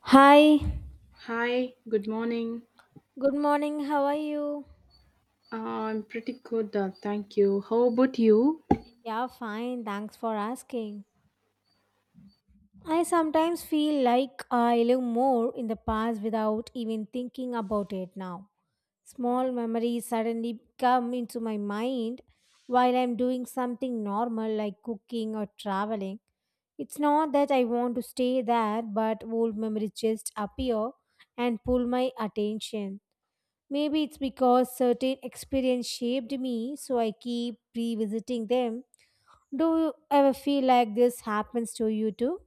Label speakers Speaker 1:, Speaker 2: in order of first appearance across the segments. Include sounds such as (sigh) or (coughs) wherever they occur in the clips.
Speaker 1: Hi,
Speaker 2: Hi, good morning.
Speaker 1: good morning. How are you?
Speaker 2: Uh, I'm pretty good, thank you. How about you?
Speaker 1: Yeah, fine. Thanks for asking. I sometimes feel like I live more in the past without even thinking about it now. Small memories suddenly come into my mind while I'm doing something normal like cooking or traveling. It's not that I want to stay there, but old memories just appear and pull my attention. Maybe it's because certain experience shaped me, so I keep revisiting them. Do you ever feel like this happens to you too?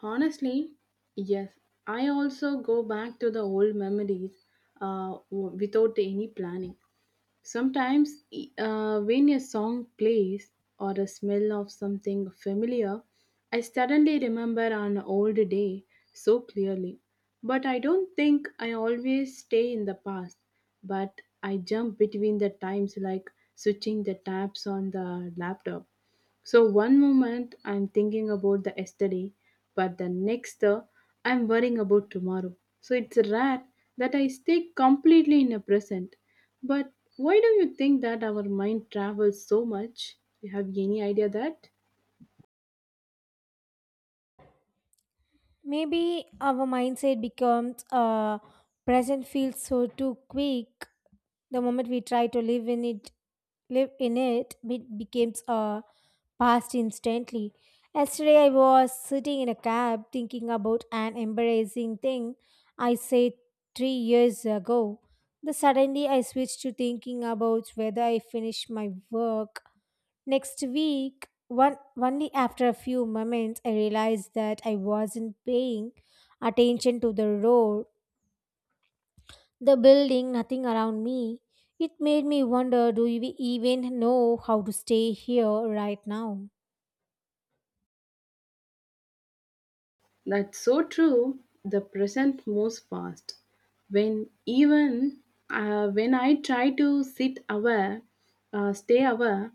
Speaker 2: Honestly, yes. I also go back to the old memories without any planning. Sometimes, when a song plays or the smell of something familiar, I suddenly remember an old day so clearly. But I don't think I always stay in the past, but I jump between the times like switching the tabs on the laptop. So one moment I'm thinking about the yesterday, but the next I'm worrying about tomorrow. So it's rare that I stay completely in the present. But why do you think that our mind travels so much? You have any idea that?
Speaker 1: Maybe our mindset becomes present feels so too quick. The moment we try to live in it, it becomes a. passed instantly. Yesterday, I was sitting in a cab thinking about an embarrassing thing I said 3 years ago. Then suddenly, I switched to thinking about whether I finish my work next week. One, only after a few moments, I realized that I wasn't paying attention to the road, the building, nothing around me. It made me wonder, do we even know how to stay here right now?
Speaker 2: That's so true. The present moves fast. When even when I try to stay aware,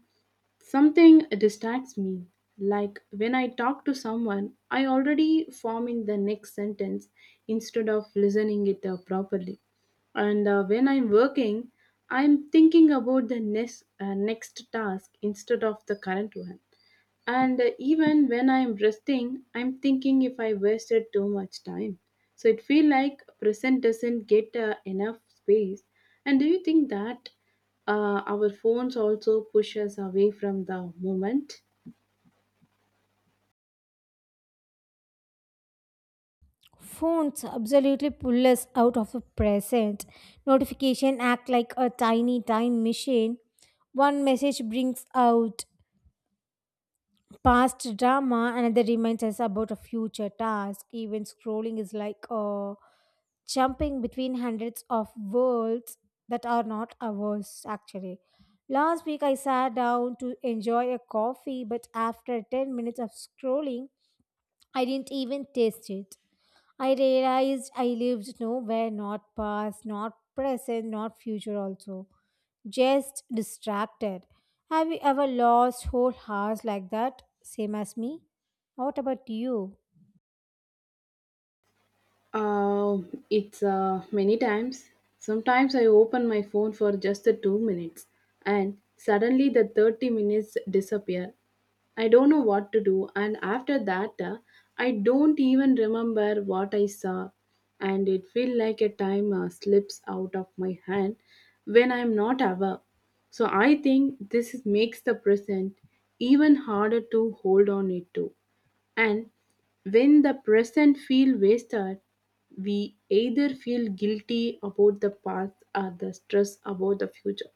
Speaker 2: Something distracts me. Like when I talk to someone, I already forming the next sentence instead of listening it properly. And when I'm working, I'm thinking about the next task instead of the current one. And even when I'm resting, I'm thinking if I wasted too much time. So it feel like present doesn't get enough space. And do you think that our phones also push us away from the moment?
Speaker 1: Phones absolutely pull us out of the present. Notification act like a tiny time machine. One message brings out past drama, another reminds us about a future task. Even scrolling is like jumping between hundreds of worlds that are not ours, actually. Last week, I sat down to enjoy a coffee, but after 10 minutes of scrolling, I didn't even taste it. I realized I lived nowhere, not past, not present, not future also. Just distracted. Have you ever lost whole hours like that? Same as me? What about you?
Speaker 2: Uh, it's many times. Sometimes I open my phone for just the 2 minutes, and suddenly the 30 minutes disappear. I don't know what to do. And after that, I don't even remember what I saw. And it feels like a time slips out of my hand when I'm not aware. So I think makes the present even harder to hold on it to. And when the present feel wasted, we either feel guilty about the past or the stress about the future.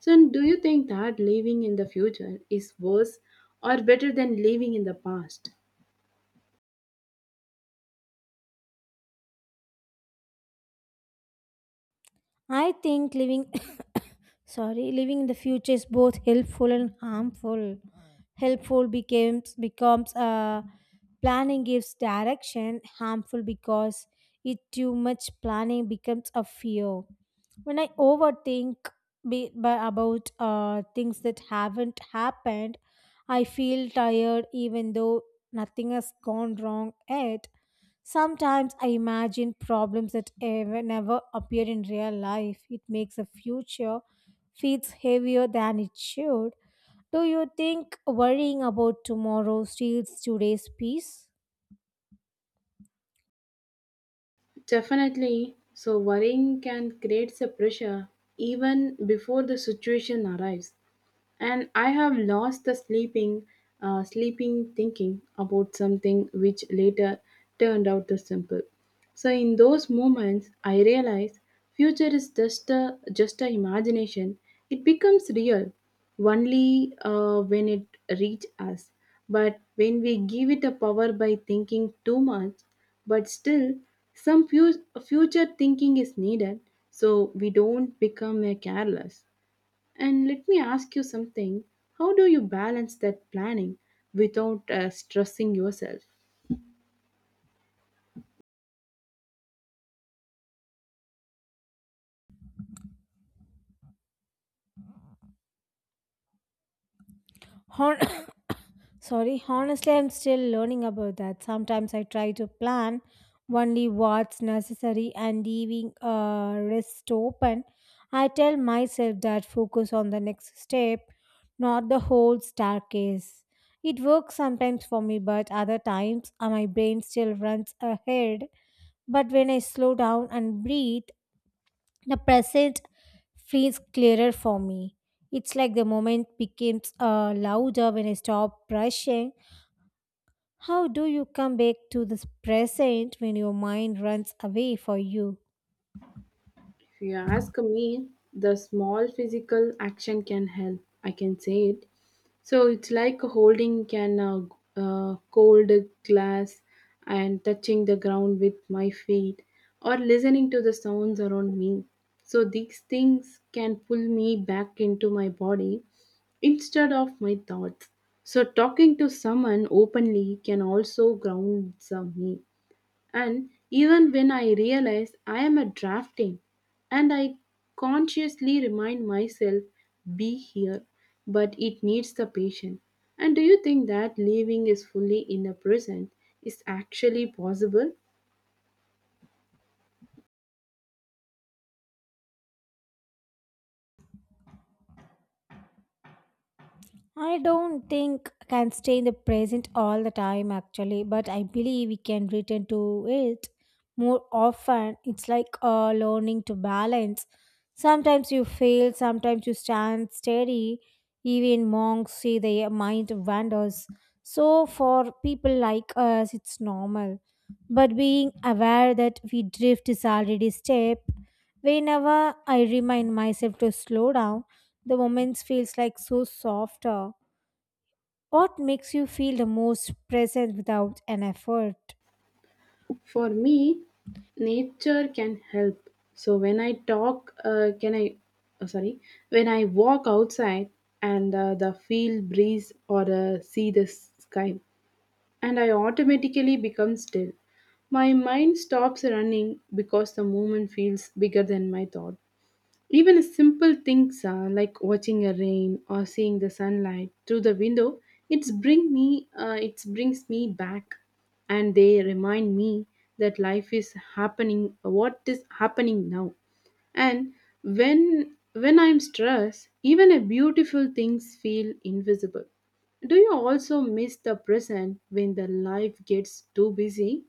Speaker 2: So, and do you think that living in the future is worse or better than living in the past?
Speaker 1: I think living in the future is both helpful and harmful, helpful becomes planning gives direction, harmful because it too much planning becomes a fear. When I overthink about things that haven't happened, I feel tired even though nothing has gone wrong yet. Sometimes I imagine problems that never appear in real life. It makes the future feels heavier than it should. Do you think worrying about tomorrow steals today's peace?
Speaker 2: Definitely. So, worrying can create a pressure even before the situation arrives. And I have lost the sleeping thinking about something which later turned out to simple. So in those moments I realize future is just a imagination. It becomes real only when it reach us, but when we give it a power by thinking too much. But still, some future thinking is needed so we don't become a careless. And let me ask you something. How do you balance that planning without stressing yourself?
Speaker 1: Hon- (coughs) Sorry, honestly, I'm still learning about that. Sometimes I try to plan only what's necessary and leaving rest open. I tell myself that focus on the next step, not the whole staircase. It works sometimes for me, but other times my brain still runs ahead. But when I slow down and breathe, the present feels clearer for me. It's like the moment becomes louder when I stop rushing. How do you come back to this present when your mind runs away for you?
Speaker 2: If you ask me, the small physical action can help. I can say it. So it's like holding can cold glass and touching the ground with my feet or listening to the sounds around me. So these things can pull me back into my body instead of my thoughts. So talking to someone openly can also ground me. And even when I realize I am at drafting, and I consciously remind myself, be here, but it needs the patient. And do you think that living is fully in the present is actually possible?
Speaker 1: I don't think I can stay in the present all the time actually, but I believe we can return to it more often. It's like learning to balance. Sometimes you fail, sometimes you stand steady. Even monks say their mind wanders. So for people like us, it's normal. But being aware that we drift is already step. Whenever I remind myself to slow down, the moments feels like so softer. What makes you feel the most present without an effort?
Speaker 2: For me, nature can help. So when I talk, can I, oh, sorry, when I walk outside and the field breeze or see the sky, and I automatically become still. My mind stops running because the movement feels bigger than my thought. Even a simple things like watching a rain or seeing the sunlight through the window, it brings me back, and they remind me that life is happening. What is happening now? And when I'm stressed, even a beautiful things feel invisible. Do you also miss the present when the life gets too busy?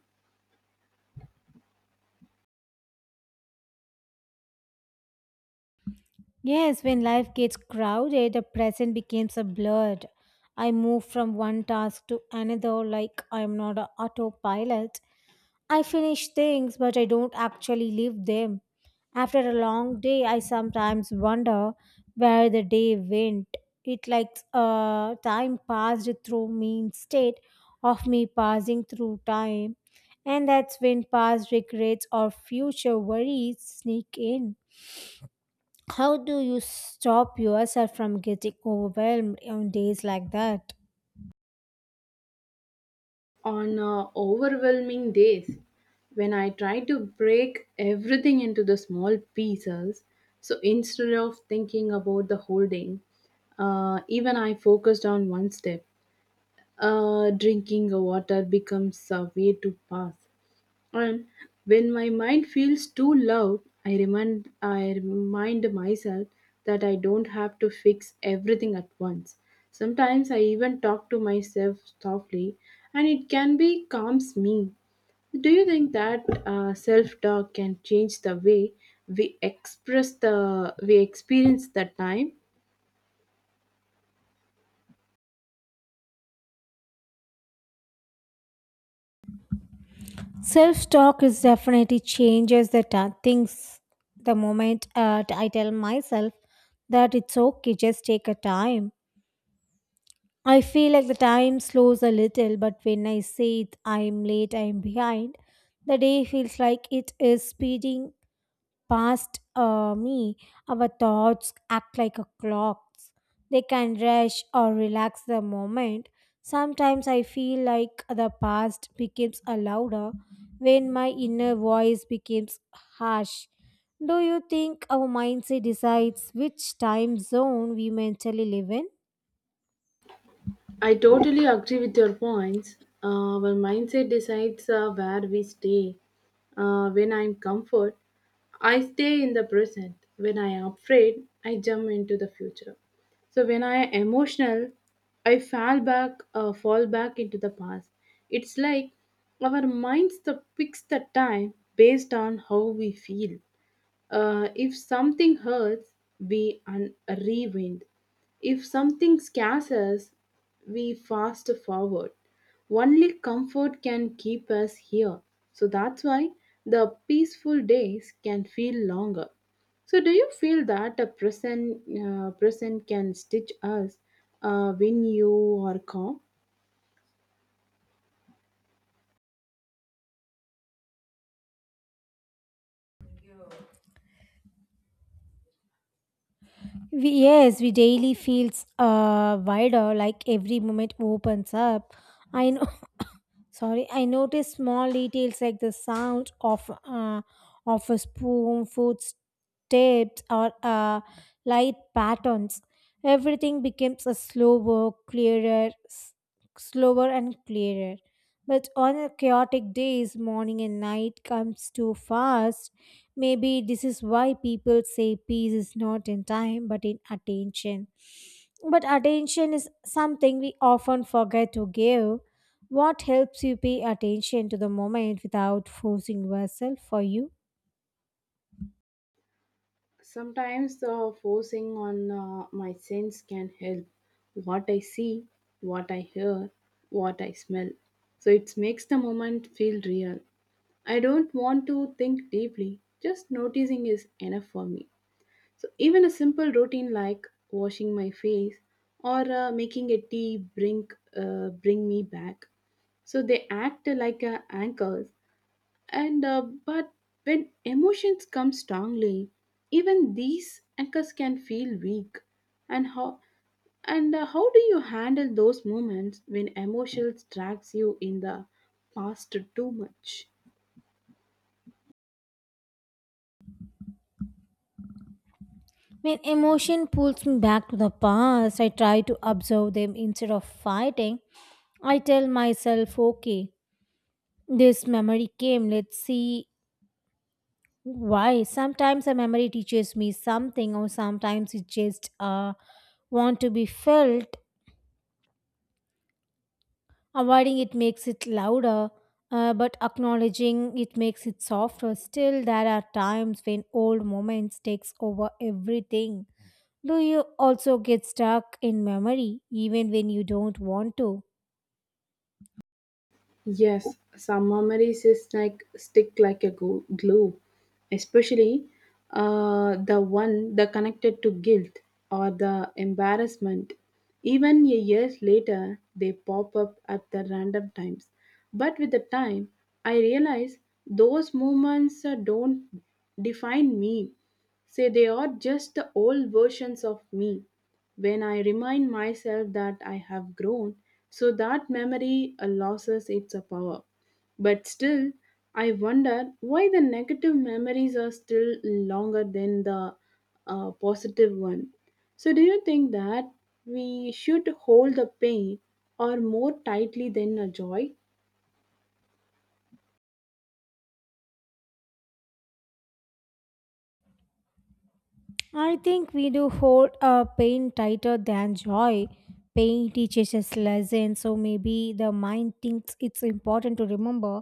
Speaker 1: Yes, when life gets crowded, the present becomes a blur. I move from one task to another like I'm not an autopilot. I finish things, but I don't actually leave them. After a long day, I sometimes wonder where the day went. It like time passed through me instead of me passing through time. And that's when past regrets or future worries sneak in. How do you stop yourself from getting overwhelmed on days like that?
Speaker 2: On overwhelming days, when I try to break everything into the small pieces. So instead of thinking about the whole day, even I focused on one step. Drinking water becomes a way to pass. And when my mind feels too loud, I remind myself that I don't have to fix everything at once. Sometimes I even talk to myself softly, and it can be calms me. Do you think that self-talk can change the way we experience the time?
Speaker 1: Self talk is definitely changes that things. The moment I tell myself that it's okay, just take a time. I feel like the time slows a little, but when I say it, I'm late, I'm behind, the day feels like it is speeding past me. Our thoughts act like a clocks. They can rush or relax the moment. Sometimes I feel like the past becomes a louder when my inner voice becomes harsh. Do you think our mindset decides which time zone we mentally live in?
Speaker 2: I totally agree with your points. Our mindset decides where we stay. When I'm comfort, I stay in the present. When I am afraid, I jump into the future. So when I am emotional, I fall back into the past. It's like our minds the picks the time based on how we feel. If something hurts, we rewind. If something scares us, we fast forward. Only comfort can keep us here. So that's why the peaceful days can feel longer. So do you feel that a present can stitch us when you are calm?
Speaker 1: Yes, we daily feels wider, like every moment opens up. I know. (coughs) Sorry, I notice small details like the sound of a spoon, footsteps, or light patterns. Everything becomes a slower and clearer. But on a chaotic days, morning and night comes too fast. Maybe this is why people say peace is not in time but in attention. But attention is something we often forget to give. What helps you pay attention to the moment without forcing yourself for you?
Speaker 2: Sometimes the forcing on my sense can help. What I see, what I hear, what I smell. So it makes the moment feel real. I don't want to think deeply, just noticing is enough for me. So even a simple routine like washing my face or making a tea bring me back. So they act like anchors, and but when emotions come strongly, even these anchors can feel weak. And how and uh, how do you handle those moments when emotions drags you in the past too much?
Speaker 1: When emotion pulls me back to the past, I try to observe them instead of fighting. I tell myself, okay, this memory came, let's see why. Sometimes a memory teaches me something, or sometimes it just want to be felt. Avoiding it makes it louder, but acknowledging it makes it softer. Still, there are times when old moments takes over everything. Do you also get stuck in memory, even when you don't want to?
Speaker 2: Yes, some memories is like stick like a glue, especially the one that connected to guilt or the embarrassment. Even a years later, they pop up at the random times. But with the time, I realize those moments don't define me. Say they are just the old versions of me. When I remind myself that I have grown, so that memory loses its power. But still, I wonder why the negative memories are still longer than the positive one. So, do you think that we should hold the pain or more tightly than a joy?
Speaker 1: I think we do hold a pain tighter than joy. Pain teaches us lessons, so maybe the mind thinks it's important to remember.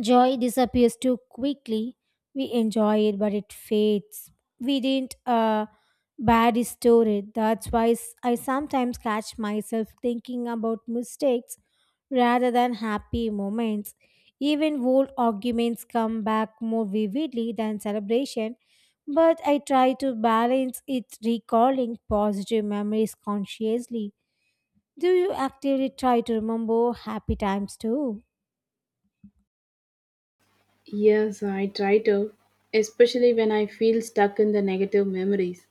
Speaker 1: Joy disappears too quickly. We enjoy it, but it fades. We didn't bad store it. I sometimes catch myself thinking about mistakes rather than happy moments. Even old arguments come back more vividly than celebration, but I try to balance it recalling positive memories consciously. Do you actively try to remember happy times too?
Speaker 2: Yes, I try to, especially when I feel stuck in the negative memories.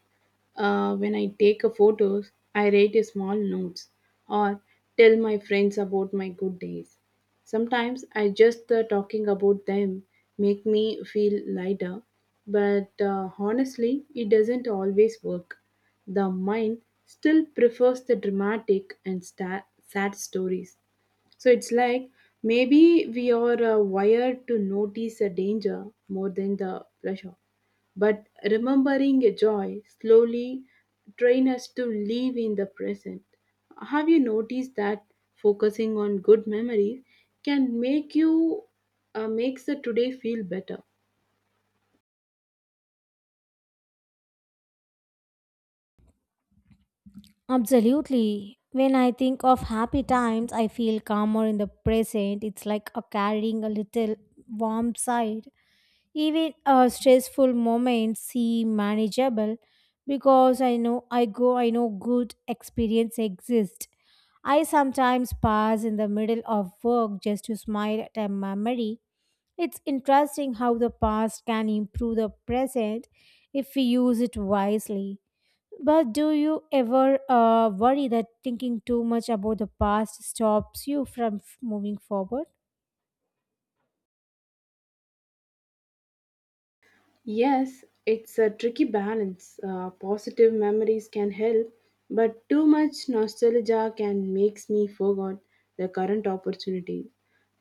Speaker 2: When I take a photos, I write a small notes or tell my friends about my good days. Sometimes I just talking about them make me feel lighter, but honestly, it doesn't always work. The mind still prefers the dramatic and sad stories. So it's like maybe we are wired to notice a danger more than the pleasure. But remembering a joy slowly train us to live in the present. Have you noticed that focusing on good memories can make you makes the today feel better?
Speaker 1: Absolutely. When I think of happy times, I feel calmer in the present. It's like a carrying a little warm side. Even stressful moments seem manageable because I know good experience exist. I sometimes pass in the middle of work just to smile at a memory. It's interesting how the past can improve the present if we use it wisely. But do you ever worry that thinking too much about the past stops you from moving forward?
Speaker 2: Yes, it's a tricky balance. Positive memories can help, but too much nostalgia can makes me forget the current opportunities.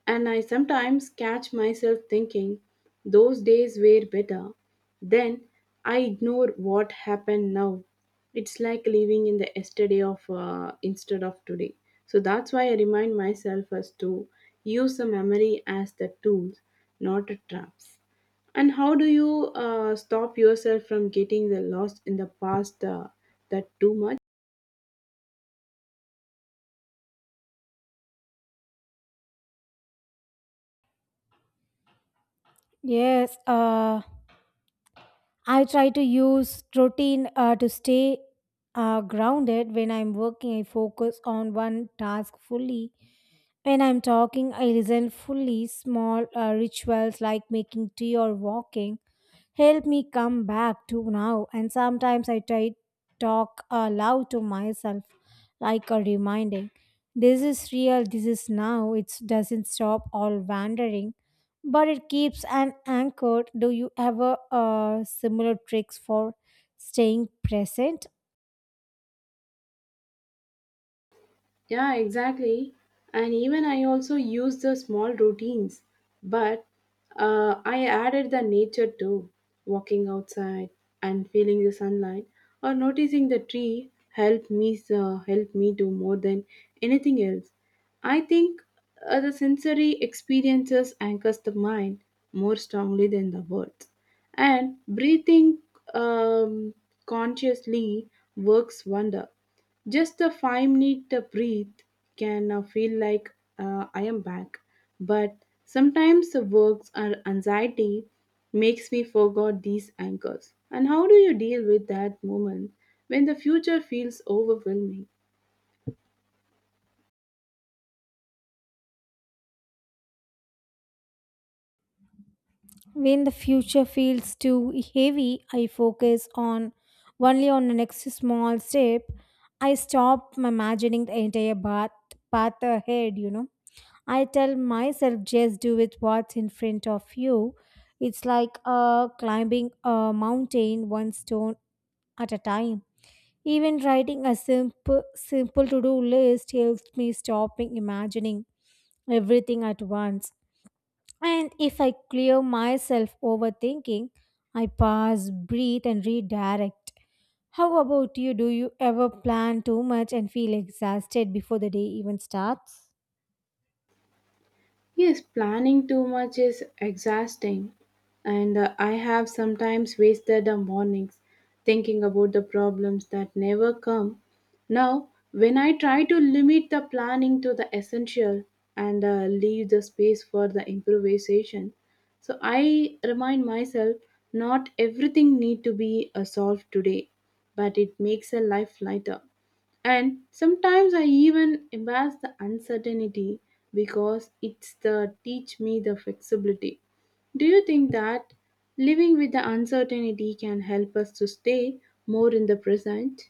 Speaker 2: And I sometimes catch myself thinking those days were better. Then I ignore what happened now. It's like living in the yesterday of instead of today. So that's why I remind myself as to use the memory as the tools, not a traps. And how do you stop yourself from getting the lost in the past that too much?
Speaker 1: Yes, I try to use routine to stay grounded. When I'm working, I focus on one task fully. When I'm talking, I listen fully. Small rituals like making tea or walking help me come back to now. And sometimes I try talk aloud to myself, like a reminding. This is real, this is now. It doesn't stop all wandering, but it keeps an anchor. Do you ever similar tricks for staying present?
Speaker 2: Yeah, exactly. And even I also use the small routines, but I added the nature too, walking outside and feeling the sunlight or noticing the tree help me do more than anything else. I think the sensory experiences anchors the mind more strongly than the words. And breathing um, consciously works wonder. Just a 5 minute breathe can feel like I am back. But sometimes the works or anxiety makes me forget these anchors. And how do you deal with that moment when the future feels overwhelming?
Speaker 1: When the future feels too heavy, I focus on only on the next small step. I stop imagining the entire path, path ahead, you know. I tell myself, just do with what's in front of you. It's like climbing a mountain one stone at a time. Even writing a simple to do list helps me stopping imagining everything at once. And if I clear myself overthinking, I pause, breathe, and redirect. How about you? Do you ever plan too much and feel exhausted before the day even starts?
Speaker 2: Yes, planning too much is exhausting, and I have sometimes wasted the mornings thinking about the problems that never come. Now, when I try to limit the planning to the essential and leave the space for the improvisation, so I remind myself not everything need to be solved today, but it makes a life lighter. And sometimes I even embrace the uncertainty because it's the teach me the flexibility. Do you think that living with the uncertainty can help us to stay more in the present?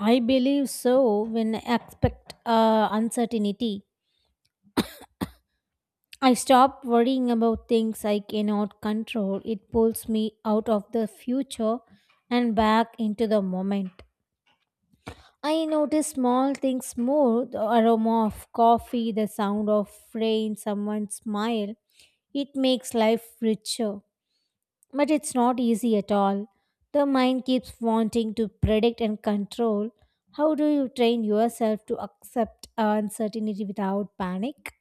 Speaker 1: I believe so when I expect uncertainty. I stop worrying about things I cannot control. It pulls me out of the future and back into the moment. I notice small things more, the aroma of coffee, the sound of rain, someone's smile. It makes life richer. But it's not easy at all. The mind keeps wanting to predict and control. How do you train yourself to accept uncertainty without panic?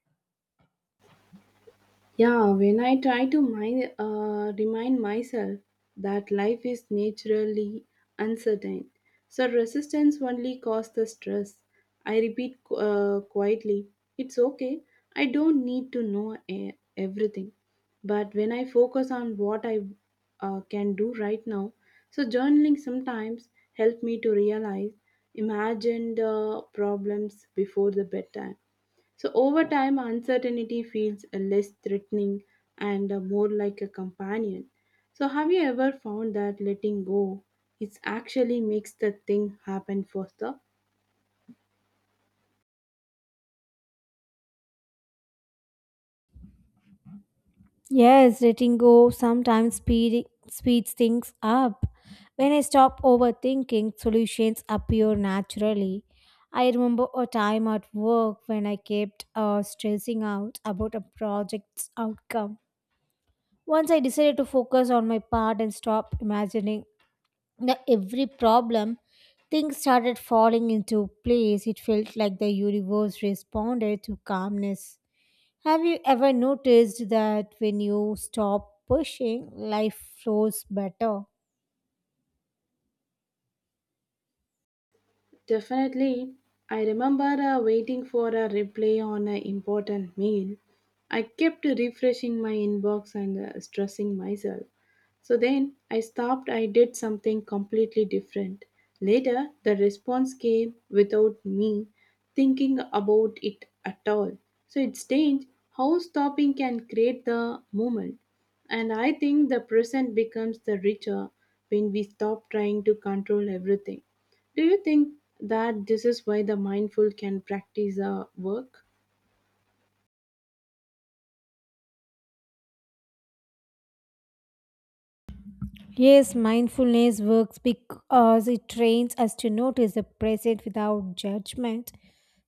Speaker 2: Yeah, when I try to remind myself that life is naturally uncertain, so resistance only causes the stress. I repeat quietly, it's okay, I don't need to know everything. But when I focus on what I can do right now, so journaling sometimes help me to realize imagined problems before the bedtime. So, over time, uncertainty feels less threatening and more like a companion. So, have you ever found that letting go it actually makes the thing happen faster?
Speaker 1: Yes, letting go sometimes speeds things up. When I stop overthinking, solutions appear naturally. I remember a time at work when I kept stressing out about a project's outcome. Once I decided to focus on my part and stop imagining the every problem, things started falling into place. It felt like the universe responded to calmness. Have you ever noticed that when you stop pushing, life flows better?
Speaker 2: Definitely. I remember waiting for a replay on an important mail. I kept refreshing my inbox and stressing myself. So then I stopped, I did something completely different. Later, the response came without me thinking about it at all. So it's strange how stopping can create the moment. And I think the present becomes the richer when we stop trying to control everything. Do you think that this is why the mindful can practice a work?
Speaker 1: Yes, mindfulness works because it trains us to notice the present without judgment.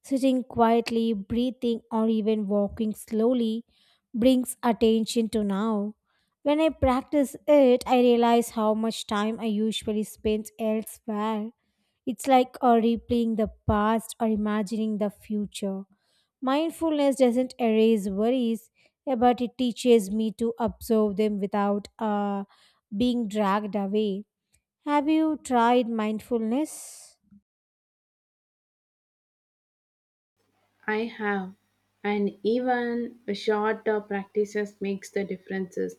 Speaker 1: Sitting quietly, breathing, or even walking slowly brings attention to now. When I practice it, I realize how much time I usually spend elsewhere. It's like replaying the past or imagining the future. Mindfulness doesn't erase worries, but it teaches me to observe them without being dragged away. Have you tried mindfulness?
Speaker 2: I have, and even a shorter practices makes the differences.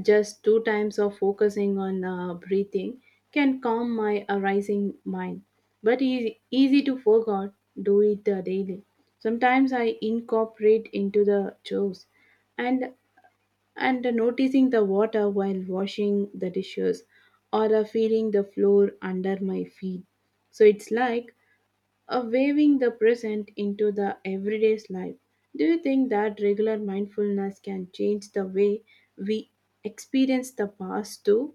Speaker 2: Just two times of focusing on breathing can calm my arising mind, but easy to forget. Do it daily. Sometimes I incorporate into the chores, and noticing the water while washing the dishes or feeling the floor under my feet. So it's like a waving the present into the everyday's life. Do you think that regular mindfulness can change the way we experience the past too?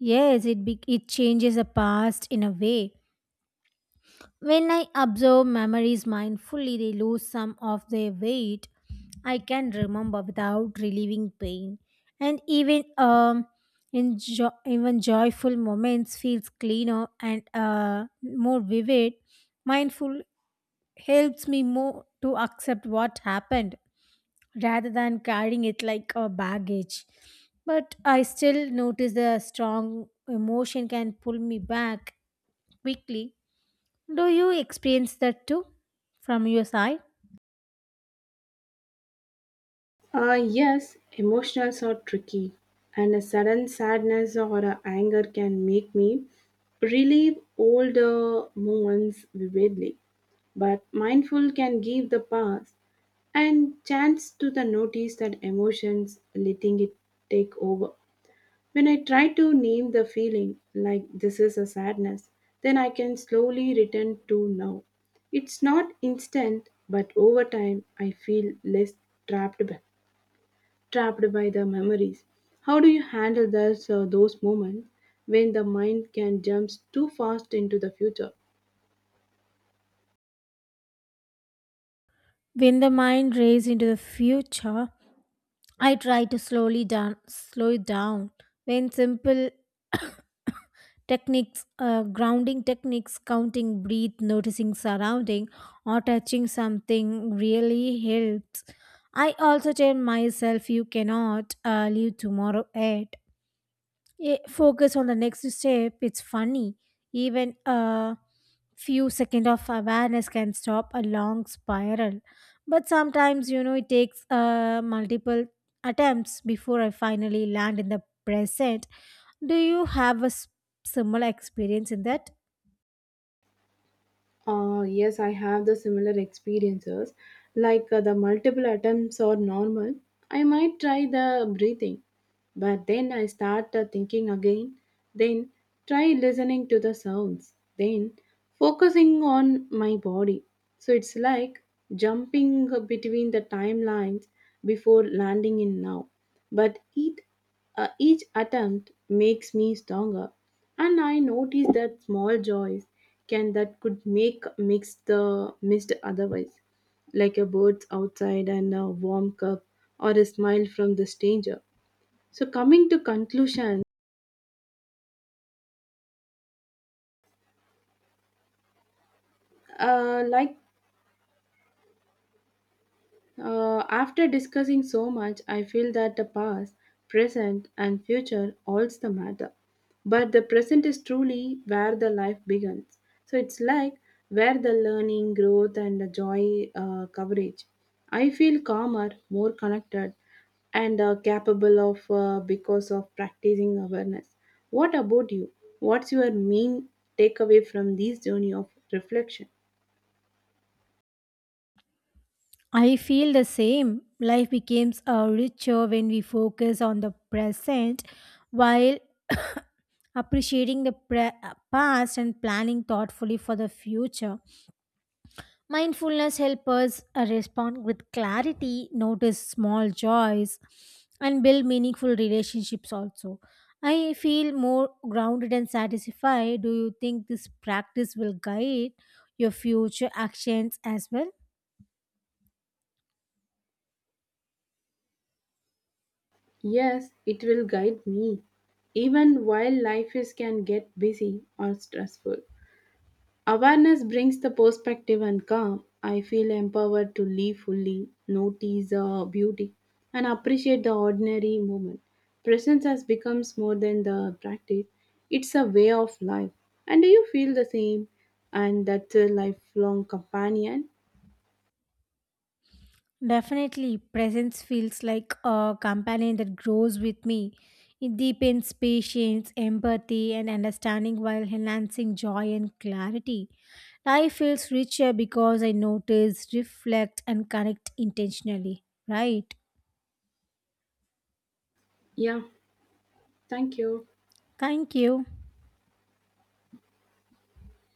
Speaker 1: Yes, it changes the past in a way. When I observe memories mindfully, they lose some of their weight. I can remember without relieving pain, and even even joyful moments feels cleaner and more vivid. Mindful helps me more to accept what happened rather than carrying it like a baggage. But I still notice the strong emotion can pull me back quickly. Do you experience that too from your side?
Speaker 2: Yes, emotions are tricky, and a sudden sadness or a anger can make me relive all the moments vividly. But mindful can give the path and chance to the notice that emotions letting it take over. When I try to name the feeling like this is a sadness, then I can slowly return to now. It's not instant, but over time I feel less trapped by, trapped by the memories. How do you handle those moments when the mind can jump too fast into the future?
Speaker 1: When the mind races into the future, I try to slow it down. When simple (coughs) techniques, grounding techniques, counting, breathe, noticing surrounding, or touching something really helps. I also tell myself you cannot leave tomorrow yet. Yeah, focus on the next step. It's funny, even a few seconds of awareness can stop a long spiral, but sometimes, you know, it takes multiple attempts before I finally land in the present. Do you have a similar experience in that?
Speaker 2: Yes, I have the similar experiences. Like the multiple attempts are normal. I might try the breathing, but then I start thinking again. Then try listening to the sounds. Then focusing on my body. So it's like jumping between the timelines before landing in now. But it each attempt makes me stronger, and I notice that small joys can that could make mix the missed otherwise, like a bird outside and a warm cup or a smile from the stranger. So coming to conclusion, like, after discussing so much, I feel that the past, present, and future all's the matter. But the present is truly where the life begins. So it's like where the learning, growth, and the joy coverage. I feel calmer, more connected, and capable of because of practicing awareness. What about you? What's your main takeaway from this journey of reflection?
Speaker 1: I feel the same, life becomes richer when we focus on the present while (coughs) appreciating the past and planning thoughtfully for the future. Mindfulness helps us respond with clarity, notice small joys, and build meaningful relationships also. I feel more grounded and satisfied. Do you think this practice will guide your future actions as well?
Speaker 2: Yes, it will guide me. Even while life is can get busy or stressful. Awareness brings the perspective and calm. I feel empowered to live fully, notice the beauty, and appreciate the ordinary moment. Presence has becomes more than the practice. It's a way of life. And do you feel the same? And that's a lifelong companion?
Speaker 1: Definitely, presence feels like a companion that grows with me. It deepens patience, empathy, and understanding while enhancing joy and clarity. Life feels richer because I notice, reflect, and connect intentionally. Right?
Speaker 2: Yeah, thank you.
Speaker 1: Thank you.